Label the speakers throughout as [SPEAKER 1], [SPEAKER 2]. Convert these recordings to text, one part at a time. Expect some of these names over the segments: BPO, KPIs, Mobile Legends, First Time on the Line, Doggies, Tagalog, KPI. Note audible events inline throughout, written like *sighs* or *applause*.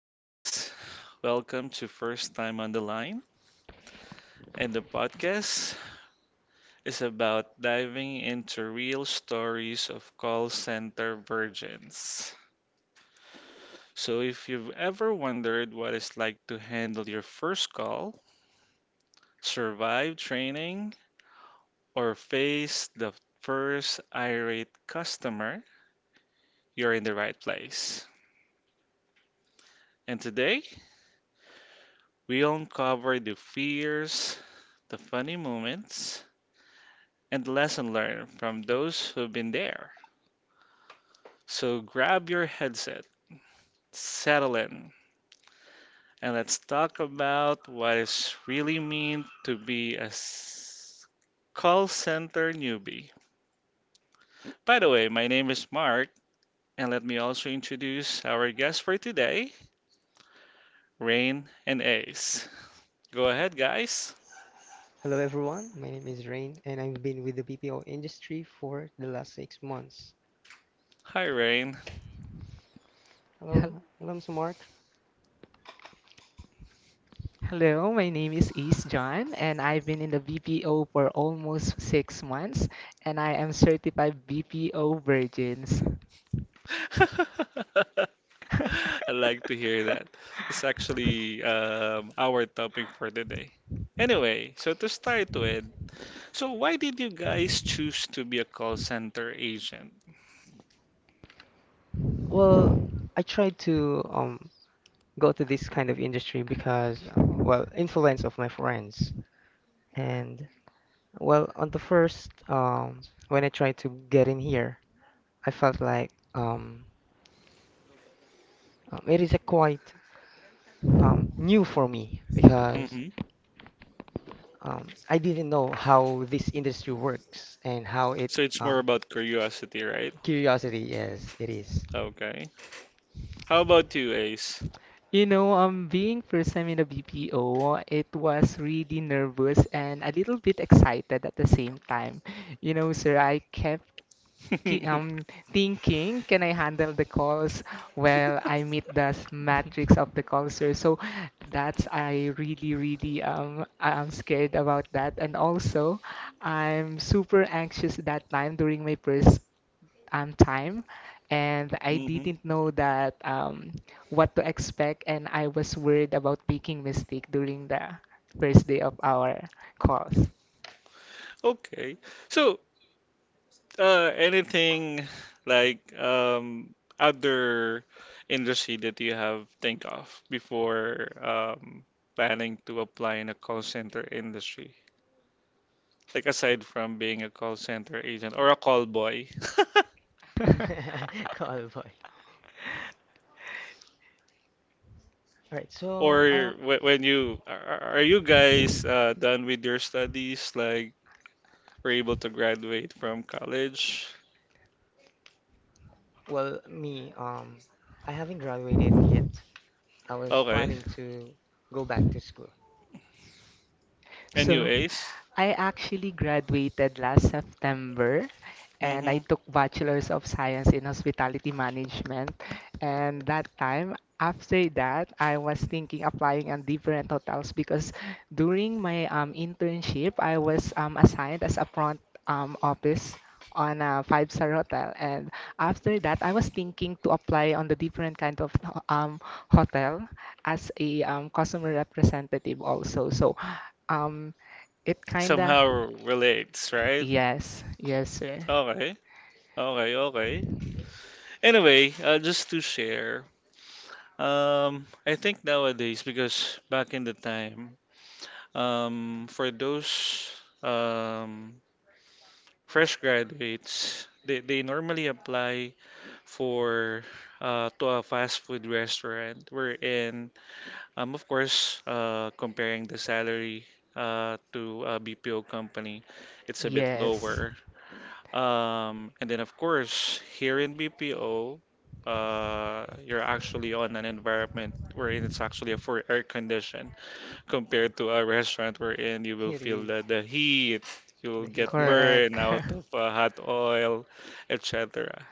[SPEAKER 1] Hey guys, welcome to First Time on the Line. And the podcast is about diving into real stories of call center virgins. So if you've ever wondered what it's like to handle your first call, survive training, or face the first irate customer, you're in the right place. And today, we'll uncover the fears, the funny moments, and lesson learned from those who've been there. So grab your headset, settle in, and let's talk about what it's really mean to be a call center newbie. By the way, my name is Mark, and let me also introduce our guests for today, Rain and Ace. Go ahead, guys.
[SPEAKER 2] Hello everyone, my name is Rain and I've been with the BPO industry for the last 6 months.
[SPEAKER 1] Hi, Rain.
[SPEAKER 3] Hel-
[SPEAKER 2] Hello, hello Mr. Mark.
[SPEAKER 3] Hello, my name is East John, and I've been in the BPO for almost 6 months, and I am certified BPO virgins.
[SPEAKER 1] *laughs* I
[SPEAKER 3] *laughs*
[SPEAKER 1] like to hear that. It's actually our topic for today. Anyway, so to start with, so why did you guys choose to be a call center agent?
[SPEAKER 2] Well, I tried to go to this kind of industry because well, influence of my friends. And well, on the first when I tried to get in here, I felt like it is a quite new for me because
[SPEAKER 1] hmm
[SPEAKER 2] I didn't know how this industry works and how it
[SPEAKER 1] So it's more
[SPEAKER 2] um
[SPEAKER 1] about curiosity, right?
[SPEAKER 2] curiosity, yes, it is.
[SPEAKER 1] Okay. How about you, Ace?
[SPEAKER 3] You know, being first time in the BPO, it was really nervous and a little bit excited at the same time. You know, sir, I kept ki-
[SPEAKER 1] *laughs*
[SPEAKER 3] um, thinking, can I handle the calls? Well, I meet the matrix of the culture. So that's I really, I'm scared about that. And also, I'm super anxious that time during my first time, and I
[SPEAKER 1] hmm
[SPEAKER 3] didn't know that what to expect, and I was worried about making mistake during the first day of our calls.
[SPEAKER 1] Okay. So, anything like other industry that you have think of before planning to apply in a call center industry? Like aside from being a call center agent or a call boy,
[SPEAKER 3] *laughs*
[SPEAKER 2] *laughs* Callboy. All right,
[SPEAKER 1] *laughs*
[SPEAKER 2] so
[SPEAKER 1] or wh- when you are you guys done with your studies? Like, were able to graduate from college?
[SPEAKER 2] well, me I haven't graduated yet. I was
[SPEAKER 1] Okay.
[SPEAKER 2] planning to go back to school.
[SPEAKER 1] And you,
[SPEAKER 3] So,
[SPEAKER 1] Ace?
[SPEAKER 3] I actually graduated last September and I
[SPEAKER 1] Mm-hmm.
[SPEAKER 3] took Bachelor's of Science in Hospitality Management. And that time, after that, I was thinking applying on different hotels because during my internship, I was assigned as a front office on a five-star hotel. And after that, I was thinking to apply on the different kind of um, hotel as a customer representative also. So um, it kinda.
[SPEAKER 1] Somehow relates, right?
[SPEAKER 3] Yes, yes, sir.
[SPEAKER 1] Okay. Okay, okay. Anyway, just to share, I think nowadays, because back in the time, for those um, fresh graduates, they normally apply for to a fast food restaurant. Wherein, of course, comparing the salary to a BPO company, it's a bit
[SPEAKER 3] Yes,
[SPEAKER 1] lower. And then, of course, here in BPO, you're actually on an environment wherein it's actually a for air condition compared to a restaurant wherein
[SPEAKER 2] *laughs*
[SPEAKER 1] you will
[SPEAKER 2] Here
[SPEAKER 1] feel
[SPEAKER 2] is
[SPEAKER 1] the heat, you'll
[SPEAKER 2] the hit,
[SPEAKER 1] get
[SPEAKER 2] yes.
[SPEAKER 3] correct.
[SPEAKER 1] burned out of hot oil, et cetera.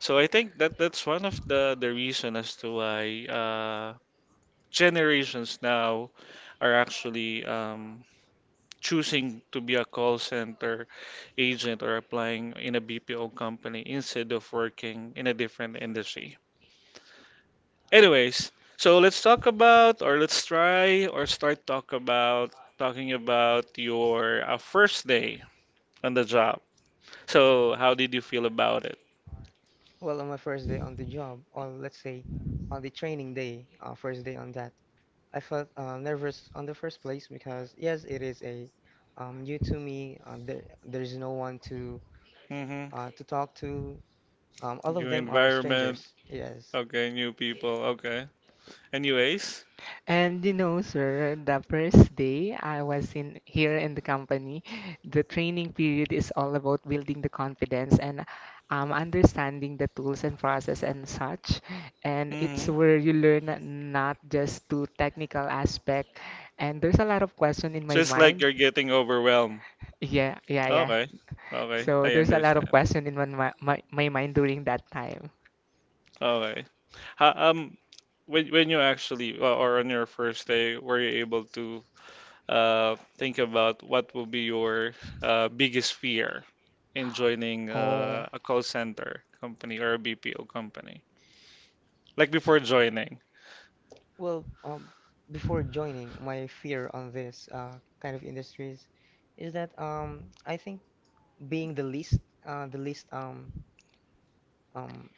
[SPEAKER 1] So I think that that's one of the reason as to why generations now are actually choosing to be a call center agent or applying in a BPO company instead of working in a different industry. Anyways, so let's talk about, or let's try, or start talk about talking about your first day on the job. So how did you feel about it?
[SPEAKER 2] Well, on my first day on the job, or let's say on the training day, first day on that, I felt nervous on the first place because yes, it is a new to me. There's no one
[SPEAKER 1] Mm-hmm.
[SPEAKER 2] to talk to.
[SPEAKER 3] *laughs*
[SPEAKER 2] All of
[SPEAKER 1] New
[SPEAKER 2] them are
[SPEAKER 1] environment.
[SPEAKER 2] strangers. Yes.
[SPEAKER 1] Okay, new people. Okay. Anyways.
[SPEAKER 3] And you know, sir, the first day I was in here in the company, the training period is all about building the confidence and understanding the tools and process and such. And it's
[SPEAKER 1] Mm-hmm.
[SPEAKER 3] where you learn not just to technical aspect. And there's a lot of question in my
[SPEAKER 1] Just like
[SPEAKER 3] mind.
[SPEAKER 1] you're getting overwhelmed.
[SPEAKER 3] Yeah, yeah, yeah.
[SPEAKER 1] Okay. Okay.
[SPEAKER 3] So
[SPEAKER 1] I
[SPEAKER 3] there's a lot of
[SPEAKER 1] understand.
[SPEAKER 3] question in my mind during that time.
[SPEAKER 1] Okay. How, when you actually, or on your first day, were you able to think about what will be your biggest fear in joining
[SPEAKER 3] Oh.
[SPEAKER 1] a call center company or a BPO company? Like before joining,
[SPEAKER 2] Well, before joining, my fear on this kind of industries is that I think being the least, uh, the least um, um,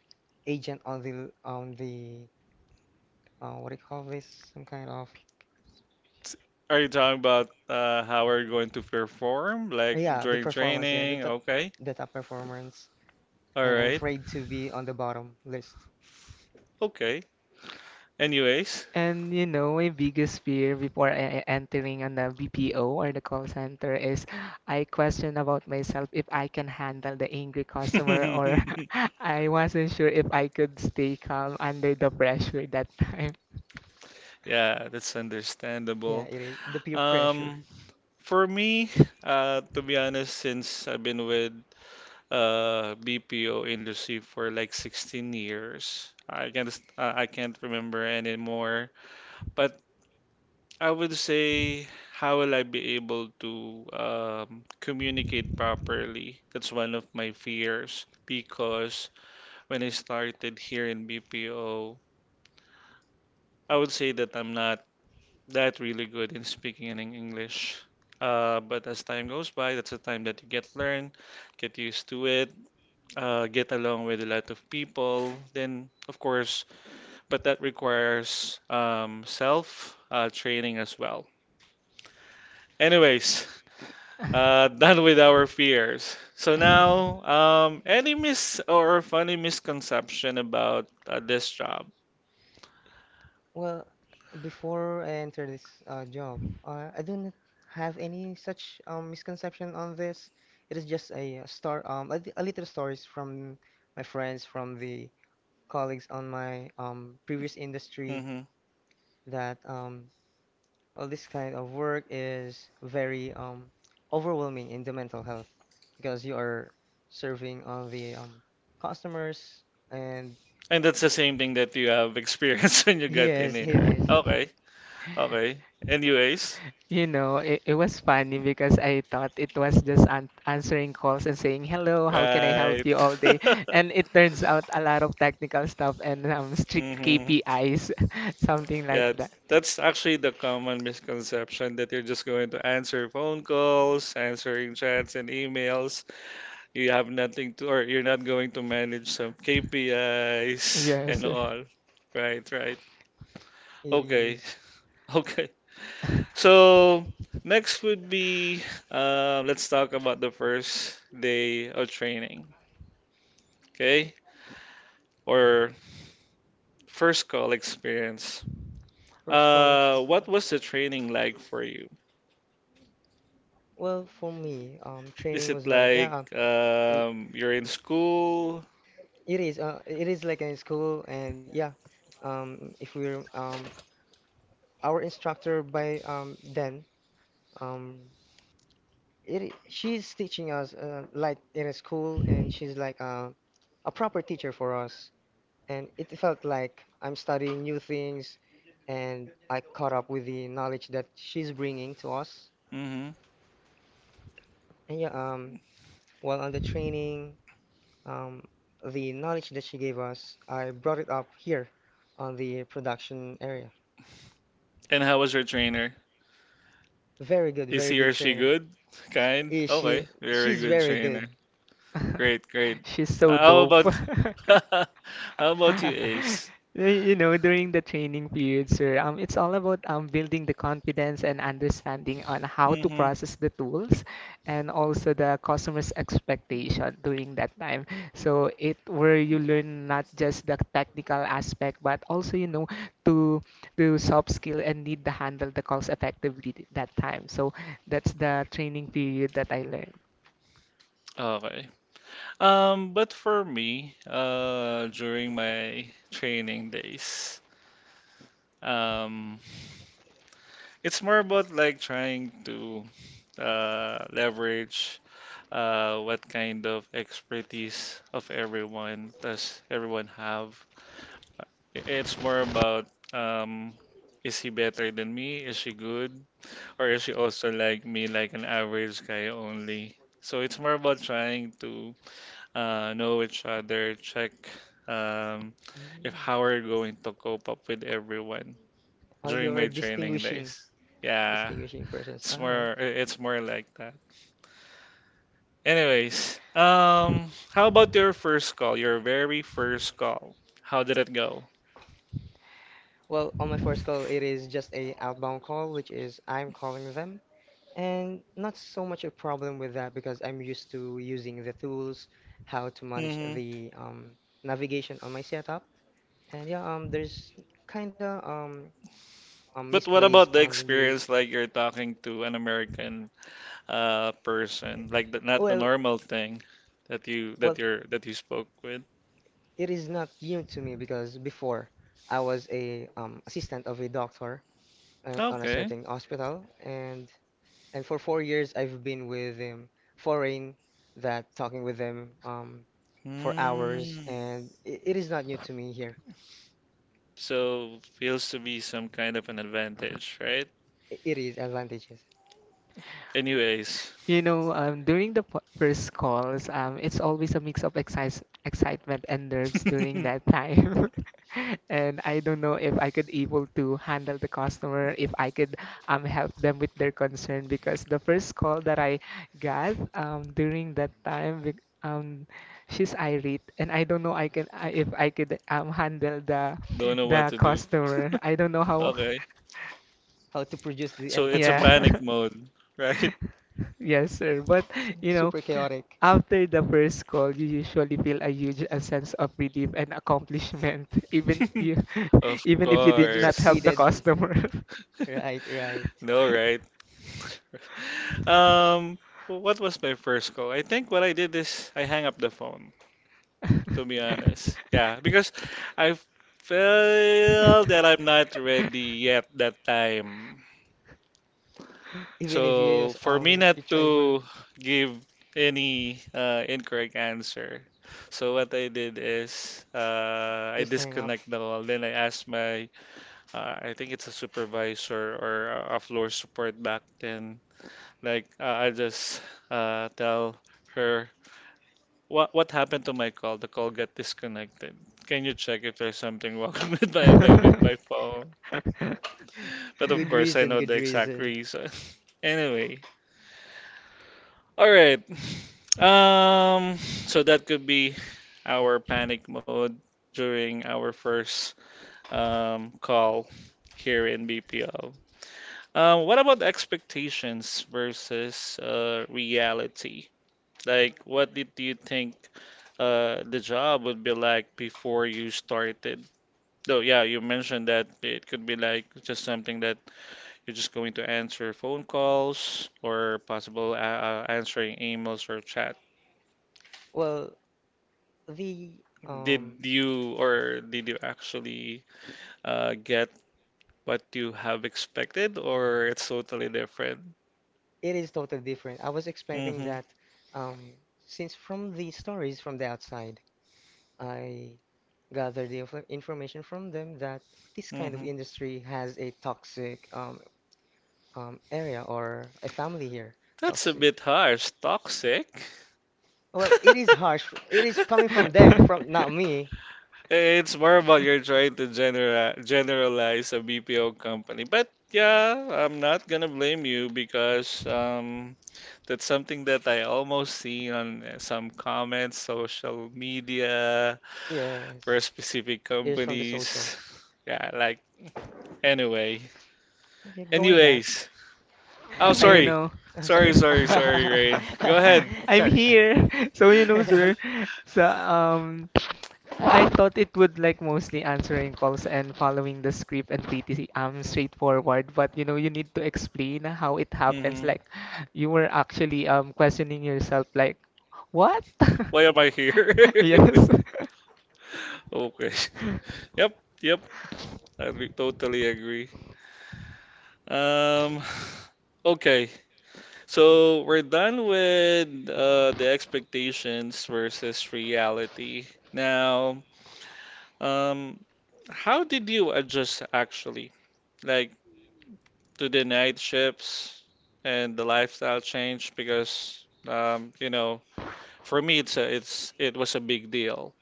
[SPEAKER 2] agent on the what do you call this? Some kind of
[SPEAKER 1] t- are you talking about how are you going to perform? Like
[SPEAKER 2] yeah, the
[SPEAKER 1] during
[SPEAKER 2] performance, yeah,
[SPEAKER 1] training? Okay.
[SPEAKER 2] the top performance,
[SPEAKER 1] All
[SPEAKER 2] and I'm
[SPEAKER 1] right.
[SPEAKER 2] afraid to be on the bottom list.
[SPEAKER 1] Okay. Anyways.
[SPEAKER 3] And you know, my biggest fear before I entering on the BPO or the call center is I question about myself if I can handle the angry customer or
[SPEAKER 1] *laughs*
[SPEAKER 3] *laughs* I wasn't sure if I could stay calm under the pressure that time.
[SPEAKER 1] Yeah, that's
[SPEAKER 2] Yeah,
[SPEAKER 1] understandable.
[SPEAKER 2] it is the peer pressure.
[SPEAKER 1] Um, for me, to be honest, since I've been with BPO industry for like 16 years. I can't remember anymore. But I would say, how will I be able to communicate properly? That's one of my fears because when I started here in BPO, I would say that I'm not that really good in speaking in English. But as time goes by, that's the time that get used to it. Get along with a lot of people, then of course, but that requires self training as well. Anyways, *laughs* done with our fears. So now, any mis or funny misconception about this job?
[SPEAKER 2] Well, before I enter this job, I do not have any such misconception on this. It is just a a little stories from my friends, from the colleagues on my previous industry
[SPEAKER 1] hmm
[SPEAKER 2] that all this kind of work is very overwhelming in the mental health because you are serving all the customers and
[SPEAKER 1] And that's the same thing that you have experienced *laughs* when
[SPEAKER 2] *laughs*
[SPEAKER 1] you got in
[SPEAKER 2] yes,
[SPEAKER 1] here,
[SPEAKER 2] it
[SPEAKER 1] right?
[SPEAKER 2] is.
[SPEAKER 3] *laughs*
[SPEAKER 1] Okay, okay. Anyways,
[SPEAKER 3] You know, it was funny because I thought it was just an answering calls and saying, hello, how can I
[SPEAKER 1] right.
[SPEAKER 3] help you all day? And it turns
[SPEAKER 1] *laughs*
[SPEAKER 3] out a lot of technical stuff and strict
[SPEAKER 1] hmm
[SPEAKER 3] KPIs, *laughs* something
[SPEAKER 1] Yeah,
[SPEAKER 3] like that.
[SPEAKER 1] that's actually the common misconception that you're just going to answer phone calls, answering chats and emails. You have nothing to, or you're not going to manage some KPIs and
[SPEAKER 3] Yes. *laughs*
[SPEAKER 1] all. Right, right.
[SPEAKER 2] It
[SPEAKER 1] Okay,
[SPEAKER 2] is.
[SPEAKER 1] *laughs* okay. So next would be, let's talk about the first day of training, okay? Or first call experience.
[SPEAKER 2] First call
[SPEAKER 1] What
[SPEAKER 2] experience.
[SPEAKER 1] was the training like for you?
[SPEAKER 2] Well, for me,
[SPEAKER 1] Is
[SPEAKER 2] training
[SPEAKER 1] it
[SPEAKER 2] was like,
[SPEAKER 1] like
[SPEAKER 2] l-
[SPEAKER 1] you're in school?
[SPEAKER 2] it is. It is like in school, and if we're our instructor by then, um, she's teaching us like in a school, and she's like a proper teacher for us, and it felt like I'm studying new things, and I caught up with the knowledge that she's bringing to us.
[SPEAKER 1] hmm
[SPEAKER 2] And while on the training. Um, the knowledge that she gave us, I brought it up here on the production area.
[SPEAKER 1] And how was your trainer?
[SPEAKER 2] Very good,
[SPEAKER 1] Is
[SPEAKER 2] very
[SPEAKER 1] he or
[SPEAKER 2] good
[SPEAKER 1] she
[SPEAKER 2] trainer.
[SPEAKER 1] good? Kind?
[SPEAKER 2] Is she?
[SPEAKER 1] Okay, very
[SPEAKER 2] She's
[SPEAKER 1] good
[SPEAKER 2] very
[SPEAKER 1] trainer.
[SPEAKER 2] good. *laughs*
[SPEAKER 1] Great, great.
[SPEAKER 3] She's so
[SPEAKER 1] How
[SPEAKER 3] dope.
[SPEAKER 1] about
[SPEAKER 3] *laughs*
[SPEAKER 1] *laughs* how about you,
[SPEAKER 3] *laughs*
[SPEAKER 1] Ace?
[SPEAKER 3] You know, during the training period, sir, it's all about building the confidence and understanding on how to
[SPEAKER 1] hmm
[SPEAKER 3] process the tools and also the customer's expectation during that time. So it where you learn not just the technical aspect, but also, you know, to to soft skill and need to handle the calls effectively that time. So that's the training period that I learned.
[SPEAKER 1] Okay. But for me, during my training days, um, it's more about like trying to leverage what kind of expertise of everyone does everyone have? Uh, It's more about um, is he better than me? Is she good? Or is she also like me, like an average guy only? So it's more about trying to know each other, check um, if
[SPEAKER 2] Mm.
[SPEAKER 1] how we're going to cope up with everyone
[SPEAKER 2] Oh,
[SPEAKER 1] during my
[SPEAKER 2] you're
[SPEAKER 1] training
[SPEAKER 2] distinguishing,
[SPEAKER 1] days. Yeah,
[SPEAKER 2] distinguishing persons. All right.
[SPEAKER 1] it's more like that. Anyways, how about your first call, your very first call? How did it go?
[SPEAKER 2] Well, on my first call, it is just a outbound call, which is I'm calling them, and not so much a problem with that because I'm used to using the tools, how to manage
[SPEAKER 1] hmm
[SPEAKER 2] the navigation on my setup. And there's kinda
[SPEAKER 1] But what
[SPEAKER 2] misplays
[SPEAKER 1] about the
[SPEAKER 2] on the
[SPEAKER 1] experience,
[SPEAKER 2] news.
[SPEAKER 1] like you're talking to an American person, like the, not the
[SPEAKER 2] Well,
[SPEAKER 1] normal thing that you that
[SPEAKER 2] well,
[SPEAKER 1] you're that you spoke with?
[SPEAKER 2] it is not new to me because before I was a assistant of a doctor on a
[SPEAKER 1] Okay.
[SPEAKER 2] certain hospital, and for 4 years I've been with him foreign that talking with them for hours,
[SPEAKER 1] Mm.
[SPEAKER 2] and it is not new to me here.
[SPEAKER 1] So feels to be some kind of an advantage, right?
[SPEAKER 2] It is advantages
[SPEAKER 1] Anyways,
[SPEAKER 3] You know, during the first calls, it's always a mix of excis excitement and nerves during
[SPEAKER 1] *laughs*
[SPEAKER 3] that time. *laughs* And I don't know if I could able to handle the customer, if I could help them with their concern because the first call that I got during that time, she's irate, and I don't know if I could handle
[SPEAKER 1] don't know what
[SPEAKER 3] the
[SPEAKER 1] to do. *laughs*
[SPEAKER 3] customer. I don't know how. *laughs*
[SPEAKER 1] Okay.
[SPEAKER 2] how to produce the
[SPEAKER 1] So it's a
[SPEAKER 2] empathy.
[SPEAKER 1] panic
[SPEAKER 3] Yeah. *laughs*
[SPEAKER 1] mode, right?
[SPEAKER 3] Yes, sir. But you know,
[SPEAKER 2] Super chaotic.
[SPEAKER 3] after the first call, you usually feel a huge a sense of relief and accomplishment, *laughs* even you,
[SPEAKER 1] *laughs*
[SPEAKER 3] *laughs*
[SPEAKER 1] Of
[SPEAKER 3] even if you did
[SPEAKER 2] That you
[SPEAKER 3] not help
[SPEAKER 1] course.
[SPEAKER 3] the
[SPEAKER 2] succeeded.
[SPEAKER 3] customer.
[SPEAKER 2] Right, right.
[SPEAKER 1] No, right? *laughs* Um, what was my first call? I think what I did is I hang up the phone, to be honest. Yeah, because I feel that I'm not ready yet that time.
[SPEAKER 2] Even if you
[SPEAKER 1] So
[SPEAKER 2] use,
[SPEAKER 1] for me not
[SPEAKER 2] you try for
[SPEAKER 1] to give any incorrect answer, so what I did is I
[SPEAKER 2] just hang up.
[SPEAKER 1] disconnect the call. Then I asked my I think it's a supervisor or a floor support back then. Like I just tell her what happened to my call. The call got disconnected. Can you
[SPEAKER 3] *laughs*
[SPEAKER 1] check if there's something wrong *laughs* with my phone? But of
[SPEAKER 2] Good
[SPEAKER 1] course, I
[SPEAKER 2] reason,
[SPEAKER 1] know the
[SPEAKER 2] good
[SPEAKER 1] exact
[SPEAKER 2] reason.
[SPEAKER 1] reason. *laughs* Anyway, all right. *laughs* Um, so that could be our panic mode during our first call here in BPO. What about expectations versus reality? Like, what did you think the job would be like before you started? Though, yeah, you mentioned that it could be like just something that you're just going to answer phone calls or possible answering emails or chat.
[SPEAKER 2] Well, the um
[SPEAKER 1] Did you or did you actually get what you have expected, or it's totally different?
[SPEAKER 2] it is totally different. I was expecting
[SPEAKER 1] Mm-hmm,
[SPEAKER 2] that um since from the stories from the outside, I gathered the information from them that this kind of
[SPEAKER 1] mm-hmm.
[SPEAKER 2] industry has a toxic area or a family here.
[SPEAKER 1] That's a
[SPEAKER 2] Toxic.
[SPEAKER 1] bit harsh. Toxic?
[SPEAKER 2] Well, it is harsh.
[SPEAKER 1] *laughs*
[SPEAKER 2] It is coming from them, from not me.
[SPEAKER 1] Eh, it's more about you're trying to generalize a BPO company. But yeah, I'm not gonna blame you because that's something that I almost see on some comments, social media
[SPEAKER 2] Yes.
[SPEAKER 1] for specific
[SPEAKER 2] It is from the social.
[SPEAKER 1] companies. *laughs* Yeah, like anyway.
[SPEAKER 2] Yeah, going back.
[SPEAKER 1] Anyways, oh
[SPEAKER 3] I you
[SPEAKER 1] sorry,
[SPEAKER 3] know.
[SPEAKER 2] Sorry.
[SPEAKER 3] *laughs*
[SPEAKER 1] Ray.
[SPEAKER 2] *laughs*
[SPEAKER 1] Go ahead.
[SPEAKER 3] I'm
[SPEAKER 2] Sorry. I
[SPEAKER 3] here. *laughs* So you know,
[SPEAKER 2] *laughs*
[SPEAKER 3] sir. So I thought it would like mostly answering calls and following the script and pretty straightforward, but you know, you need to explain how it happens.
[SPEAKER 1] hmm
[SPEAKER 3] Like you were actually questioning yourself like what? *laughs*
[SPEAKER 1] Why am I here?
[SPEAKER 3] Yes.
[SPEAKER 1] *laughs*
[SPEAKER 3] *laughs*
[SPEAKER 1] Okay. Yep, yep. Totally agree. Um, *sighs* okay. So we're done with the expectations versus reality. Now, um, how did you adjust actually? Like to the night shifts and the lifestyle change because you know for me it's it's it was a big deal.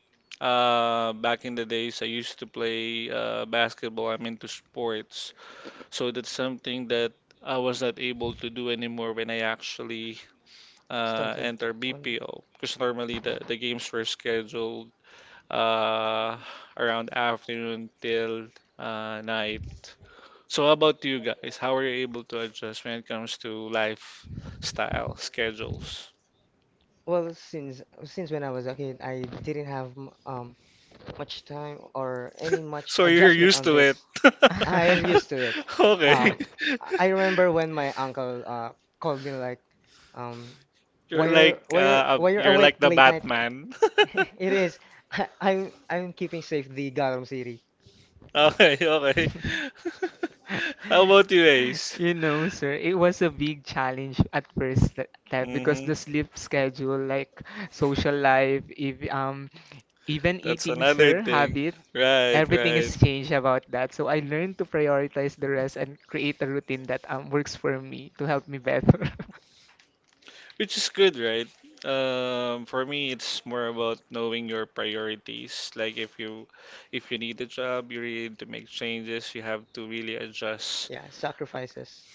[SPEAKER 1] Back in the days, I used to play basketball. I'm into sports, so that's something that I was not able to do anymore when I actually
[SPEAKER 2] started
[SPEAKER 1] enter
[SPEAKER 2] on the-
[SPEAKER 1] BPO because normally the games were scheduled uh, around afternoon till night. So, how about you guys? How are you able to adjust when it comes to lifestyle schedules?
[SPEAKER 2] Well, since when I was a kid, I didn't have much time or any much
[SPEAKER 1] So, you're
[SPEAKER 2] adjustment
[SPEAKER 1] used
[SPEAKER 2] on
[SPEAKER 1] to it.
[SPEAKER 2] this. *laughs* I
[SPEAKER 1] *laughs*
[SPEAKER 2] am used to it.
[SPEAKER 3] *laughs*
[SPEAKER 1] Okay.
[SPEAKER 2] Um,
[SPEAKER 1] *laughs*
[SPEAKER 2] I remember when my uncle called me like, um, why
[SPEAKER 1] You're
[SPEAKER 2] you're
[SPEAKER 1] like
[SPEAKER 2] why you're why you're
[SPEAKER 1] you're like
[SPEAKER 2] awake
[SPEAKER 1] the
[SPEAKER 2] late night?
[SPEAKER 1] Batman.
[SPEAKER 2] *laughs*
[SPEAKER 1] *laughs*
[SPEAKER 2] It is. I'm keeping safe the Garam City.
[SPEAKER 1] Okay, okay. *laughs* How about you, Ace?
[SPEAKER 3] You know, sir, it was a big challenge at first that, that because
[SPEAKER 1] hmm
[SPEAKER 3] the sleep schedule, like social life, if even
[SPEAKER 1] That's
[SPEAKER 3] eating,
[SPEAKER 1] another
[SPEAKER 3] sir,
[SPEAKER 1] thing.
[SPEAKER 3] habit,
[SPEAKER 1] Right,
[SPEAKER 3] everything
[SPEAKER 1] right.
[SPEAKER 3] is changed about that. So I learned to prioritize the rest and create a routine that works for me to help me better. *laughs*
[SPEAKER 1] Which is good, right? For me, it's more about knowing your priorities. Like if you need a job, you really need to make changes. You have to really adjust.
[SPEAKER 2] Yeah, sacrifices.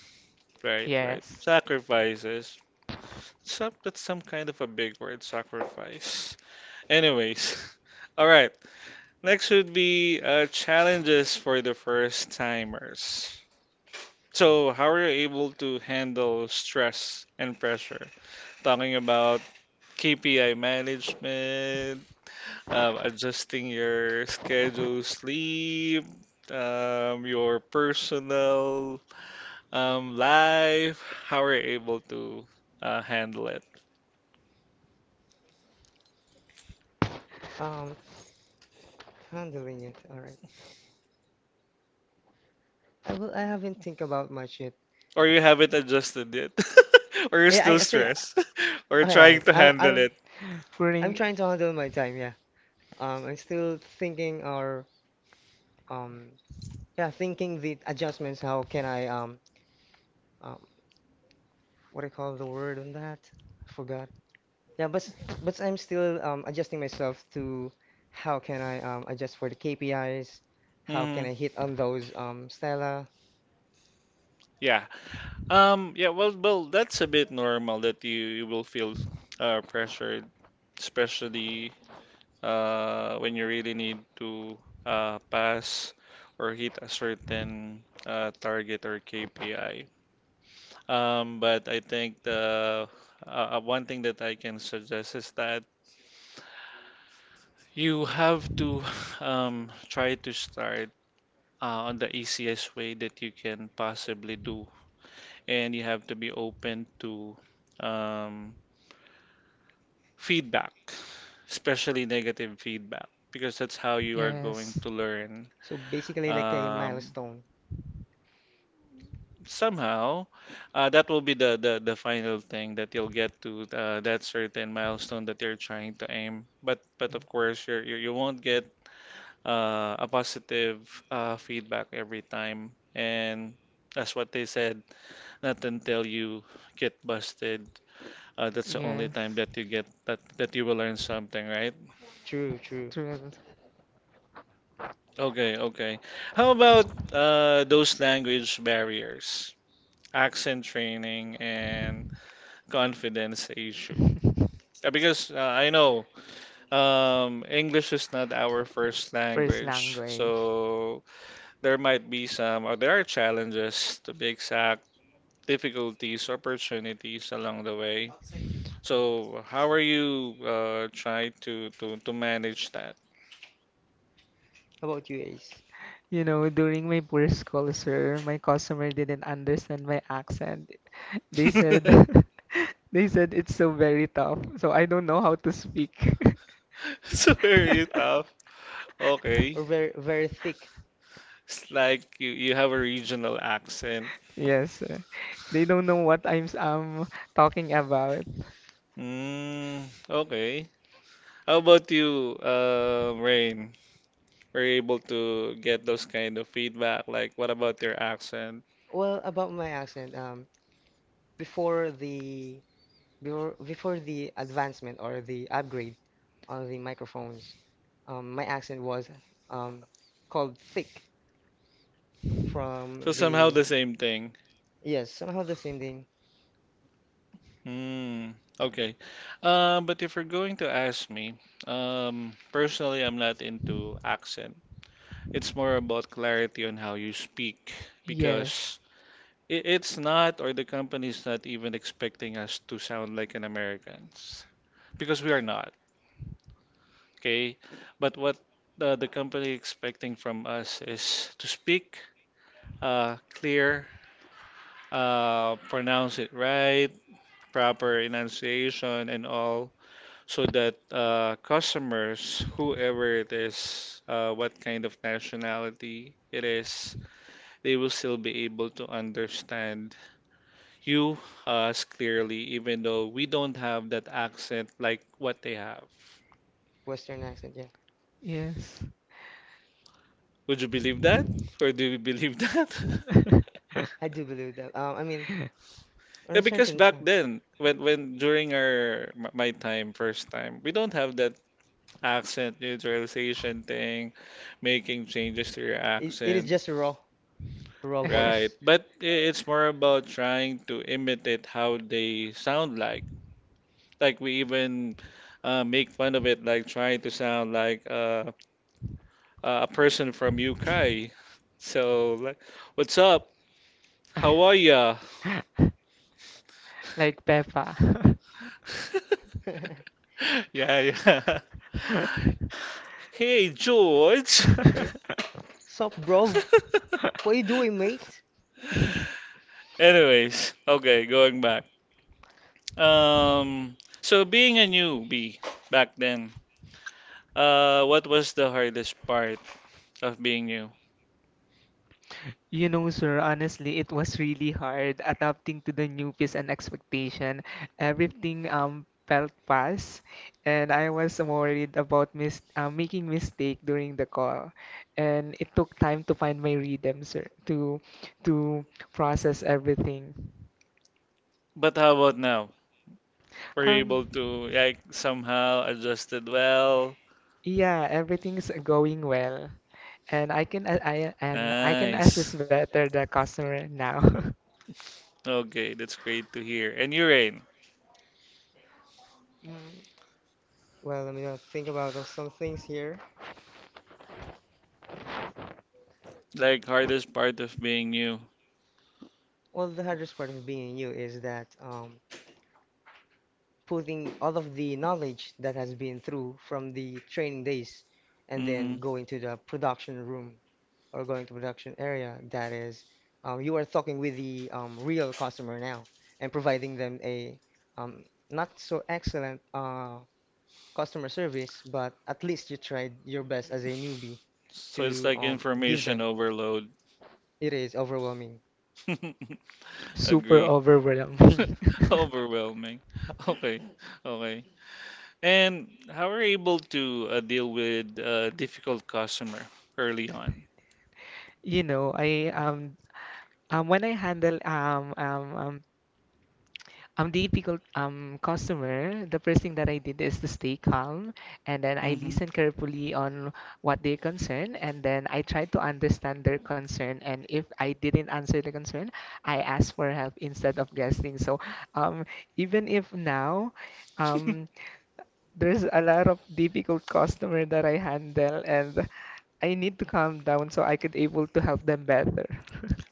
[SPEAKER 1] Right, right.
[SPEAKER 3] Yes.
[SPEAKER 1] Sacrifices. Some, that's some kind of a big word, sacrifice. Anyways, *laughs* all right. Next would be challenges for the first timers. So, how are you able to handle stress and pressure? Talking about KPI management adjusting your schedule, sleep, your personal life, how are you able to handle it?
[SPEAKER 2] Um, Handling it. All right. I will. I haven't think about much yet.
[SPEAKER 1] Or you haven't adjusted yet? *laughs* Or you're
[SPEAKER 2] Yeah,
[SPEAKER 1] still
[SPEAKER 2] I think.
[SPEAKER 1] stressed? *laughs* Or
[SPEAKER 2] Oh yeah.
[SPEAKER 1] trying to
[SPEAKER 2] I'm.
[SPEAKER 1] handle
[SPEAKER 2] I'm.
[SPEAKER 1] it?
[SPEAKER 2] I'm
[SPEAKER 3] Putting
[SPEAKER 2] trying to handle my time. Yeah. I'm still thinking or um. Yeah. Thinking the adjustments. How can I Um. What I call the word on that? I forgot. Yeah. But I'm still adjusting myself to how can I adjust for the KPIs. How can
[SPEAKER 1] Mhm.
[SPEAKER 2] I hit on those Stella?
[SPEAKER 1] Yeah. Yeah, well, that's a bit normal that you will feel pressured, especially when you really need to pass or hit a certain target or KPI. But I think the uh, one thing that I can suggest is that you have to *laughs* try to start on the easiest way that you can possibly do, and you have to be open to um, feedback, especially negative feedback, because that's how you are going to learn.
[SPEAKER 2] So basically like a
[SPEAKER 1] Um,
[SPEAKER 2] milestone.
[SPEAKER 1] somehow that will be the final thing that you'll get to that certain milestone that you're trying to aim but of
[SPEAKER 2] Mhm.
[SPEAKER 1] course you won't get a positive feedback every time, and that's what they said, not until you get busted. That's the only
[SPEAKER 3] Yes.
[SPEAKER 1] time
[SPEAKER 3] Yes.
[SPEAKER 1] that you get that you will learn something, right?
[SPEAKER 2] True. True.
[SPEAKER 3] True.
[SPEAKER 1] Okay, okay. How about those language barriers, accent training, and confidence issue? Yeah, because I know English is not our first
[SPEAKER 3] *laughs* First
[SPEAKER 1] language, so
[SPEAKER 3] language.
[SPEAKER 1] there might be some, or there are challenges, to be exact, difficulties, opportunities along the way. So how are you trying to manage that?
[SPEAKER 2] How about you, Ace?
[SPEAKER 3] You know, during my poor school, sir, my customer didn't understand my accent. They said,
[SPEAKER 1] *laughs*
[SPEAKER 3] *laughs* they said it's so very tough, so I don't know how to speak.
[SPEAKER 1] So very
[SPEAKER 3] *laughs*
[SPEAKER 1] tough. Okay.
[SPEAKER 2] Or very very thick?
[SPEAKER 1] It's like you have a regional accent.
[SPEAKER 3] Yes, sir. They don't know what I'm talking about.
[SPEAKER 1] Mm, okay. How about you, Rain? We're able to get those kind of feedback, like what about your accent?
[SPEAKER 2] Well, about my accent, before the before the advancement or the upgrade on the microphones, my accent was um called thick
[SPEAKER 1] So
[SPEAKER 2] from
[SPEAKER 1] somehow
[SPEAKER 2] the
[SPEAKER 1] the same thing.
[SPEAKER 2] yes somehow the same thing
[SPEAKER 1] Hmm. Okay. But if you're going to ask me, personally, I'm not into accent. It's more about clarity on how you speak, because
[SPEAKER 3] Yes,
[SPEAKER 1] it's not, or the company's not even expecting us to sound like an Americans, because we are not. Okay. But what the company expecting from us is to speak clear, pronounce it right, proper enunciation, and all, so that customers, whoever it is, what kind of nationality it is, they will still be able to understand you us clearly, even though we don't have that accent like what they have.
[SPEAKER 2] Western accent. Yeah,
[SPEAKER 3] yes.
[SPEAKER 1] Would you believe that? Or do you believe *laughs* that?
[SPEAKER 3] *laughs*
[SPEAKER 2] I do believe that. I mean, on
[SPEAKER 1] Yeah,
[SPEAKER 2] a
[SPEAKER 1] because
[SPEAKER 2] certain
[SPEAKER 1] back
[SPEAKER 2] time,
[SPEAKER 1] then, when during my time, first time, we don't have that accent neutralization thing, making changes to your
[SPEAKER 2] it is
[SPEAKER 1] accent.
[SPEAKER 2] just a raw raw
[SPEAKER 1] Right.
[SPEAKER 2] voice.
[SPEAKER 1] But it's more about trying to imitate how they sound like.
[SPEAKER 3] *laughs*
[SPEAKER 1] Like we even make fun of it, like trying to sound like a person from UK. So, like, what's up? How are ya?
[SPEAKER 3] like Peppa.
[SPEAKER 1] *laughs*
[SPEAKER 2] *laughs*
[SPEAKER 1] Yeah, yeah. *laughs* Hey, George.
[SPEAKER 2] Hey. Sup, bro? What you doing,
[SPEAKER 1] *laughs*
[SPEAKER 2] mate?
[SPEAKER 3] *laughs* *laughs*
[SPEAKER 1] Anyways, okay, going back. So being a newbie back then, what was the hardest part of being new?
[SPEAKER 3] You know, sir, honestly, it was really hard adapting to the new pace and expectation. Everything felt fast, and I was worried about mis making mistake during the call. And it took time to find my rhythm, sir, to process everything.
[SPEAKER 1] But how about now? Were you
[SPEAKER 3] Um,
[SPEAKER 1] able to like somehow adjusted well?
[SPEAKER 3] yeah, everything's going well, and I can a- I and I can
[SPEAKER 1] Nice.
[SPEAKER 3] assess better the customer now. *laughs*
[SPEAKER 1] Okay, that's great to hear. And you, Rain,
[SPEAKER 2] Mm, well, let me not think about of some things here.
[SPEAKER 1] like hardest part of being new.
[SPEAKER 2] Well, the hardest part of being you is that putting all of the knowledge that has been through from the training days and
[SPEAKER 1] Mm-hmm.
[SPEAKER 2] then going to the production room or going to production area. That is, you are talking with the real customer now and providing them a um, not so excellent customer service, but at least you tried your best as a newbie
[SPEAKER 1] So it's
[SPEAKER 2] to
[SPEAKER 1] like
[SPEAKER 2] give
[SPEAKER 1] information
[SPEAKER 2] them.
[SPEAKER 1] overload.
[SPEAKER 2] It is overwhelming.
[SPEAKER 1] *laughs*
[SPEAKER 3] Super
[SPEAKER 1] Agree. *laughs*
[SPEAKER 3] overwhelming.
[SPEAKER 1] Overwhelming. Okay, okay. And how are you able to deal with a difficult customer early on?
[SPEAKER 3] *laughs* you know, I when I handle I'm the difficult customer, the first thing that I did is to stay calm, and then I
[SPEAKER 1] Hmm.
[SPEAKER 3] listen carefully on what they concern, and then I try to understand their concern. And if I didn't answer the concern, I ask for help instead of guessing. So, um, even if now,
[SPEAKER 1] *laughs*
[SPEAKER 3] um, there's a lot of difficult customer that I handle, and I need to calm down so I could able to help them better.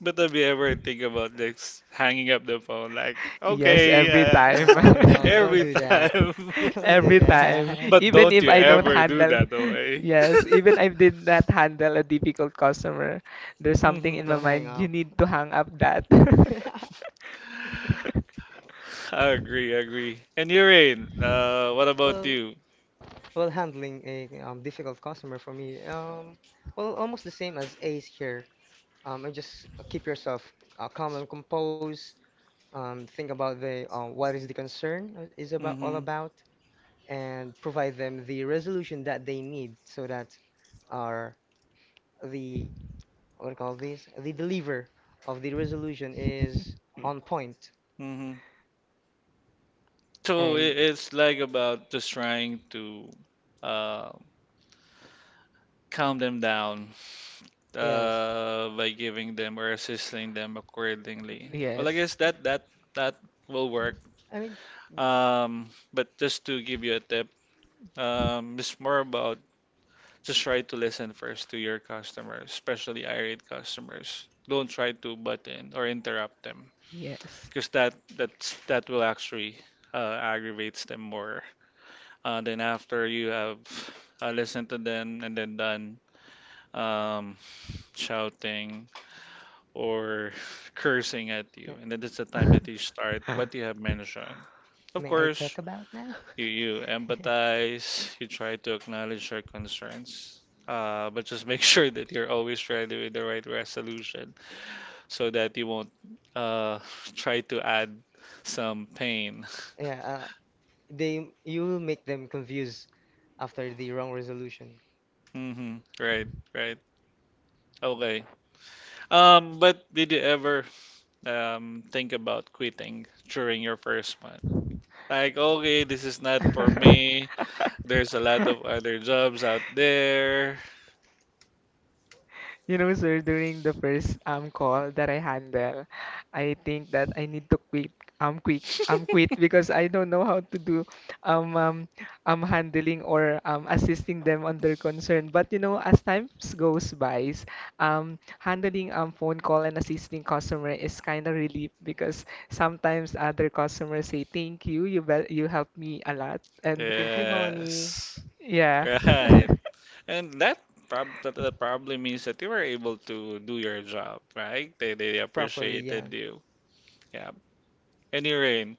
[SPEAKER 1] But have you ever think
[SPEAKER 3] *laughs*
[SPEAKER 1] about this? Hanging up the phone like,
[SPEAKER 3] Yes,
[SPEAKER 1] okay,
[SPEAKER 3] every time.
[SPEAKER 2] No,
[SPEAKER 1] *laughs*
[SPEAKER 2] no, don't
[SPEAKER 1] every
[SPEAKER 2] do that.
[SPEAKER 1] time. *laughs*
[SPEAKER 2] *laughs*
[SPEAKER 3] *laughs*
[SPEAKER 2] Don't do
[SPEAKER 3] Every time.
[SPEAKER 2] that.
[SPEAKER 1] But
[SPEAKER 3] Even
[SPEAKER 1] don't
[SPEAKER 3] if
[SPEAKER 1] you
[SPEAKER 3] I don't
[SPEAKER 1] ever do
[SPEAKER 3] handle,
[SPEAKER 1] that,
[SPEAKER 3] *laughs*
[SPEAKER 1] okay?
[SPEAKER 3] yes, even if I did not handle a difficult customer, there's something
[SPEAKER 1] Hmm.
[SPEAKER 3] in
[SPEAKER 2] *laughs*
[SPEAKER 3] my
[SPEAKER 2] Don't hang
[SPEAKER 3] mind, you
[SPEAKER 2] up.
[SPEAKER 3] need to hang up that.
[SPEAKER 2] *laughs*
[SPEAKER 3] *laughs*
[SPEAKER 1] *laughs* I agree, I agree. And Urin, what about
[SPEAKER 2] Well,
[SPEAKER 1] you?
[SPEAKER 2] well, handling a difficult customer for me, well, almost the same as Ace here. And just keep yourself calm and composed. Think about the what is the concern is about all
[SPEAKER 1] Hmm.
[SPEAKER 2] about, and provide them the resolution that they need so that our the what do you call this? The deliver of the resolution is on point,
[SPEAKER 1] Hmm. So
[SPEAKER 2] and
[SPEAKER 1] it's like about just trying to uh, calm them down
[SPEAKER 2] yes,
[SPEAKER 1] by giving them or assisting them accordingly. Well, I guess that that will
[SPEAKER 2] yeah.
[SPEAKER 1] work.
[SPEAKER 2] I mean,
[SPEAKER 1] But just to give you a tip, it's more about just try to listen first to your customers, especially irate customers. Don't try to butt in or interrupt them, because
[SPEAKER 3] *laughs*
[SPEAKER 1] that will actually aggravates them more. Then after you have listened to them and then done um, shouting or *laughs* cursing at you.
[SPEAKER 2] yeah.
[SPEAKER 1] And then that's the time that you start what you have mentioned. Of
[SPEAKER 2] May I
[SPEAKER 1] course,
[SPEAKER 2] talk about now?
[SPEAKER 1] you empathize, you try to acknowledge your concerns, but just *laughs* make sure that you're always ready with the right resolution so that you won't uh, *laughs* try to add some pain.
[SPEAKER 2] *laughs* yeah, they you will make them confused after the wrong resolution.
[SPEAKER 1] *laughs* Hmm. Right, right. Okay. But did you ever think about quitting during your first month? Like, okay, this is not for me. There's a lot of other jobs out there.
[SPEAKER 3] You know, sir, during the first call that I handle, I think that I need to
[SPEAKER 1] *laughs*
[SPEAKER 3] quit because I don't know how to do um um handling or assisting them on their concern. But you know, as time goes by, handling phone call and assisting customer is kind of relief because sometimes other customers say thank you, you you helped me a lot, and
[SPEAKER 2] Thank you, honey.
[SPEAKER 1] Yes.
[SPEAKER 3] yeah.
[SPEAKER 1] Right.
[SPEAKER 3] *laughs*
[SPEAKER 1] And that probably means that you were able to do your job, right? They
[SPEAKER 2] Properly, yeah.
[SPEAKER 1] appreciated you. Yeah. Any rain.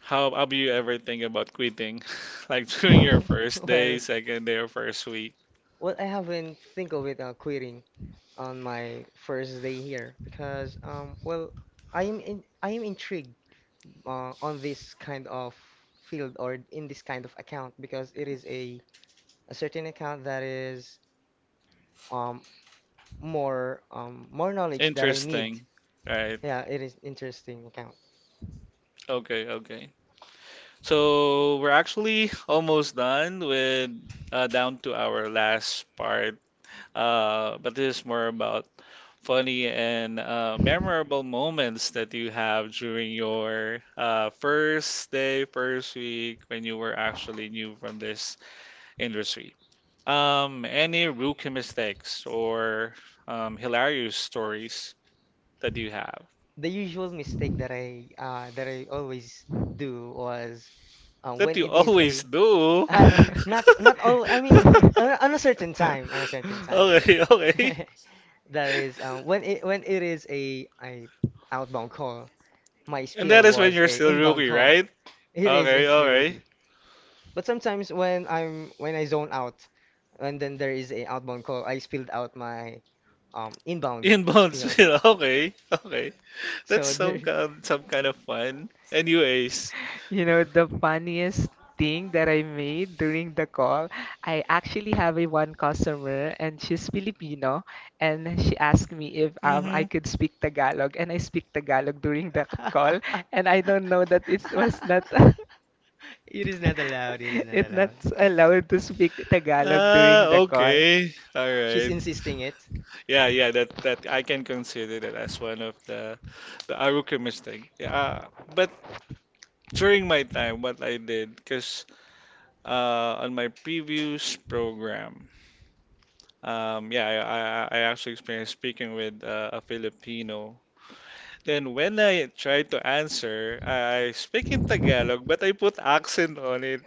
[SPEAKER 1] How do you ever think about quitting? *laughs* Like during your first
[SPEAKER 2] *laughs*
[SPEAKER 1] day,
[SPEAKER 2] Well,
[SPEAKER 1] second day, or first week?
[SPEAKER 2] well, I haven't think of it quitting on my first day here because well I am in, I am intrigued on this kind of field or in this kind of account because it is a certain account that is um more knowledge that I need.
[SPEAKER 1] Interesting. Right.
[SPEAKER 2] Yeah, it is interesting account.
[SPEAKER 1] Okay, okay. So we're actually almost done with down to our last part. But this is more about funny and memorable moments that you have during your first day, first week when you were actually new from this industry. Any rookie mistakes or hilarious stories that you have
[SPEAKER 2] The usual mistake that I always do was
[SPEAKER 1] that
[SPEAKER 2] when
[SPEAKER 1] you
[SPEAKER 2] it is
[SPEAKER 1] always
[SPEAKER 2] a *laughs*
[SPEAKER 1] do.
[SPEAKER 2] uh, not not
[SPEAKER 3] *laughs*
[SPEAKER 2] all I mean on a certain
[SPEAKER 1] *laughs*
[SPEAKER 2] time on a certain time
[SPEAKER 1] Okay, *laughs* okay.
[SPEAKER 2] *laughs* that is when it is a outbound call my
[SPEAKER 1] And
[SPEAKER 2] spiel
[SPEAKER 1] that is when
[SPEAKER 2] was
[SPEAKER 1] you're
[SPEAKER 2] a
[SPEAKER 1] still
[SPEAKER 2] inbound
[SPEAKER 1] rookie,
[SPEAKER 2] call
[SPEAKER 1] right?
[SPEAKER 2] it is
[SPEAKER 1] Okay,
[SPEAKER 2] instantly
[SPEAKER 1] okay.
[SPEAKER 2] rookie but sometimes when I zone out and then there is a outbound call I spilled out my inbound
[SPEAKER 1] Inbound
[SPEAKER 2] spiel
[SPEAKER 1] spin. *laughs* Okay, okay. That's
[SPEAKER 2] so there,
[SPEAKER 1] some kind of fun. Anyways, you
[SPEAKER 3] You know, the funniest thing that I made during the call, I actually have a one customer and she's Filipino and she asked me if I
[SPEAKER 1] Mm-hmm.
[SPEAKER 3] could speak Tagalog and I speak Tagalog during the call and I
[SPEAKER 2] *laughs*
[SPEAKER 3] don't know that it was not *laughs*
[SPEAKER 2] It is not allowed. It is
[SPEAKER 3] *laughs*
[SPEAKER 2] not
[SPEAKER 3] It's not
[SPEAKER 2] allowed.
[SPEAKER 3] allowed to speak Tagalog
[SPEAKER 1] Ah,
[SPEAKER 3] during the call.
[SPEAKER 1] okay. All
[SPEAKER 2] She's
[SPEAKER 1] right.
[SPEAKER 2] insisting it.
[SPEAKER 1] Yeah, yeah, that I can consider that as one of the Aruka mistake. Yeah, but during my time, what I did, because on my previous program, yeah, I actually experienced speaking with a Filipino. Then when I tried to answer, I speak in Tagalog, but I put accent on it.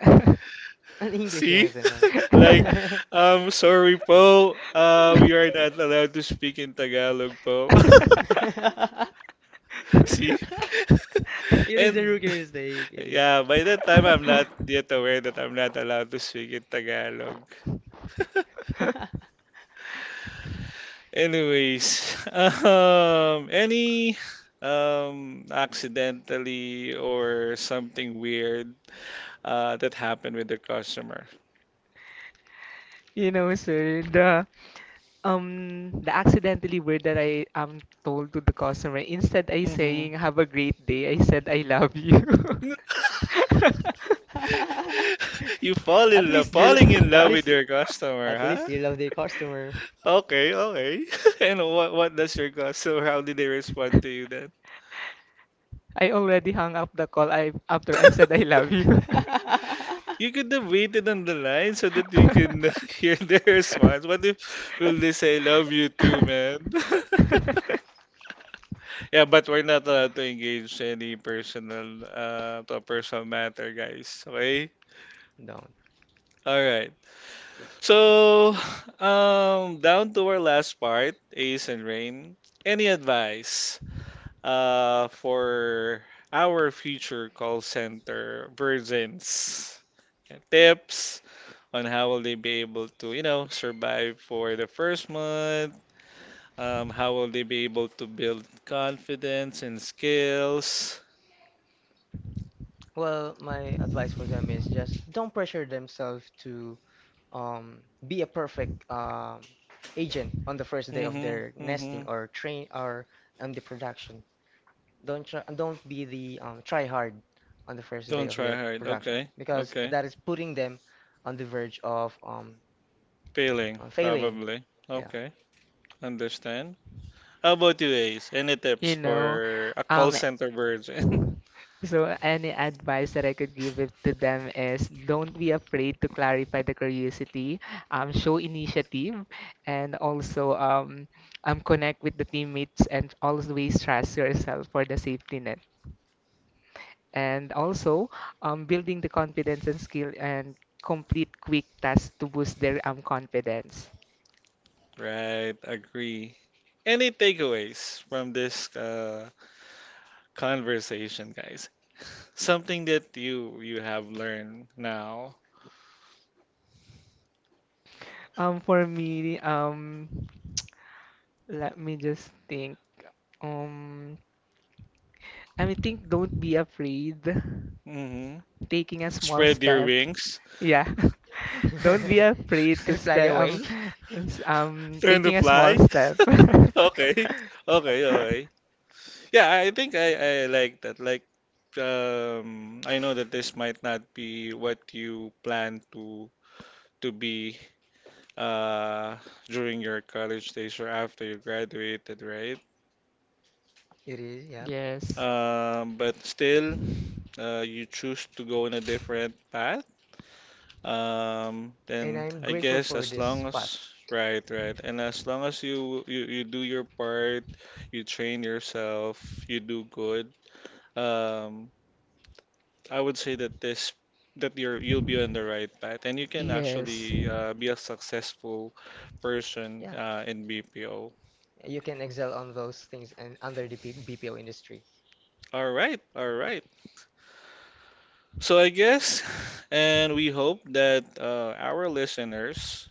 [SPEAKER 2] *laughs* An
[SPEAKER 1] *laughs*
[SPEAKER 2] English
[SPEAKER 1] See?
[SPEAKER 2] accent on.
[SPEAKER 1] Like,
[SPEAKER 2] *laughs*
[SPEAKER 1] sorry po, we are not allowed to speak in Tagalog po.
[SPEAKER 2] *laughs*
[SPEAKER 1] *laughs* See?
[SPEAKER 2] It is a
[SPEAKER 1] And
[SPEAKER 2] rookie mistake. It
[SPEAKER 1] yeah, by that time, I'm not yet aware that I'm not allowed to speak in Tagalog. *laughs*
[SPEAKER 2] is. *laughs*
[SPEAKER 3] *laughs*
[SPEAKER 1] Anyways, *laughs* any accidentally or something weird that happened with the customer?
[SPEAKER 3] You know, sir, the accidentally word that I am told to the customer, instead I
[SPEAKER 1] Hmm.
[SPEAKER 3] saying have a great day, I said I love you.
[SPEAKER 1] *laughs*
[SPEAKER 3] *laughs*
[SPEAKER 1] You fall
[SPEAKER 2] *laughs* At
[SPEAKER 1] in love,
[SPEAKER 2] least you, will
[SPEAKER 1] falling in
[SPEAKER 2] at
[SPEAKER 1] love with
[SPEAKER 2] least
[SPEAKER 1] your customer,
[SPEAKER 2] at
[SPEAKER 1] huh?
[SPEAKER 2] least you love the customer.
[SPEAKER 1] Okay, okay. *laughs* And what does your customer? How did they respond to you then?
[SPEAKER 3] I already hung up the call I after I
[SPEAKER 1] *laughs*
[SPEAKER 3] said I love you.
[SPEAKER 2] *laughs*
[SPEAKER 1] You could have waited on the line so that you can *laughs* hear their response. What
[SPEAKER 3] *laughs*
[SPEAKER 1] if will they say love you too, man?
[SPEAKER 3] *laughs*
[SPEAKER 1] *laughs* Yeah, but we're not allowed to engage any personal to a personal matter, guys. Okay?
[SPEAKER 2] Don't.
[SPEAKER 1] All right. So, *sighs* down to our last part, Ace and Rain. Any advice for our future call center virgins? Yeah, tips on how will they be able to, you know, survive for the first month? How will they be able to build confidence and skills?
[SPEAKER 2] Well, my advice for them is just don't pressure themselves to um, be a perfect agent on the first day of
[SPEAKER 1] Mm-hmm.
[SPEAKER 2] their
[SPEAKER 1] Mm-hmm.
[SPEAKER 2] nesting or train or on the production. Don't be the try hard on the first
[SPEAKER 1] Don't
[SPEAKER 2] day of
[SPEAKER 1] try
[SPEAKER 2] their
[SPEAKER 1] hard.
[SPEAKER 2] production
[SPEAKER 1] Okay.
[SPEAKER 2] because
[SPEAKER 1] Okay.
[SPEAKER 2] that is putting them on the verge of
[SPEAKER 1] Feeling,
[SPEAKER 2] failing.
[SPEAKER 1] probably.
[SPEAKER 2] Yeah.
[SPEAKER 1] Okay. Understand. How about you, Ace? Any tips
[SPEAKER 3] You know,
[SPEAKER 1] for a call
[SPEAKER 3] um,
[SPEAKER 1] center virgin? *laughs*
[SPEAKER 3] so any advice that I could give it to them is don't be afraid to clarify the curiosity, show initiative, and also connect with the teammates and always trust yourself for the safety net. And also, building the confidence and skill and complete quick tasks to boost their confidence.
[SPEAKER 1] Right. Agree. Any takeaways from this conversation, guys? Something that you have learned now.
[SPEAKER 3] For me, *tsk* let me just think. Um, I mean, think don't be afraid
[SPEAKER 1] Mm-hmm.
[SPEAKER 3] taking a small
[SPEAKER 1] Spread your
[SPEAKER 3] step.
[SPEAKER 1] wings. *laughs*
[SPEAKER 3] Yeah. *laughs* Don't be afraid
[SPEAKER 2] *laughs*
[SPEAKER 3] to
[SPEAKER 2] And fly
[SPEAKER 3] step
[SPEAKER 2] away. *laughs*
[SPEAKER 1] Learn to
[SPEAKER 3] taking a small
[SPEAKER 1] fly.
[SPEAKER 3] step.
[SPEAKER 1] *laughs* Okay. Okay. Okay. Yeah, I think I like that. Like, I know that this might not be what you plan to be uh, during your college days or after you graduated, right?
[SPEAKER 2] It is,
[SPEAKER 3] *laughs*
[SPEAKER 2] yeah.
[SPEAKER 3] Yes.
[SPEAKER 1] But still, you choose to go in a different path.
[SPEAKER 2] And
[SPEAKER 1] Then
[SPEAKER 2] I'm
[SPEAKER 1] I
[SPEAKER 2] grateful
[SPEAKER 1] guess
[SPEAKER 2] for
[SPEAKER 1] as
[SPEAKER 2] this
[SPEAKER 1] long as
[SPEAKER 2] path.
[SPEAKER 1] right, right, and as long as you do your part, you train yourself, you do good. Um, I would say that this that you're you'll be on the right path and you can
[SPEAKER 3] Yes.
[SPEAKER 1] actually be a successful person
[SPEAKER 2] Yeah.
[SPEAKER 1] in BPO.
[SPEAKER 2] You can excel on those things and under the P BPO industry.
[SPEAKER 1] All right, all right. So I guess, *laughs* and we hope that our listeners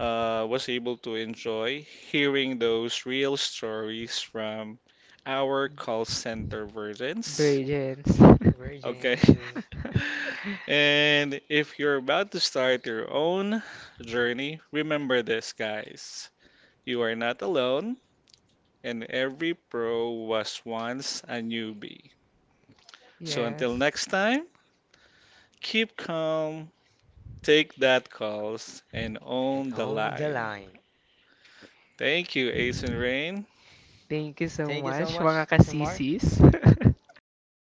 [SPEAKER 1] was able to enjoy hearing those real stories from our call center versions.
[SPEAKER 3] Brilliance. *laughs*
[SPEAKER 1] Okay. *laughs*
[SPEAKER 2] Virgins
[SPEAKER 1] And if you're about to start your own journey, remember this, guys. You are not alone, and every pro was once a newbie. So until
[SPEAKER 3] Yes.
[SPEAKER 1] next time, keep calm, take that calls, and
[SPEAKER 2] and
[SPEAKER 1] own the
[SPEAKER 2] on the
[SPEAKER 1] line.
[SPEAKER 2] line.
[SPEAKER 1] Thank you, Ace and Rain.
[SPEAKER 3] Thank you so
[SPEAKER 2] Thank you so
[SPEAKER 3] much,
[SPEAKER 2] much,
[SPEAKER 3] mga
[SPEAKER 2] Mr. Mark.
[SPEAKER 3] kasisis. *laughs*
[SPEAKER 2] Mga ka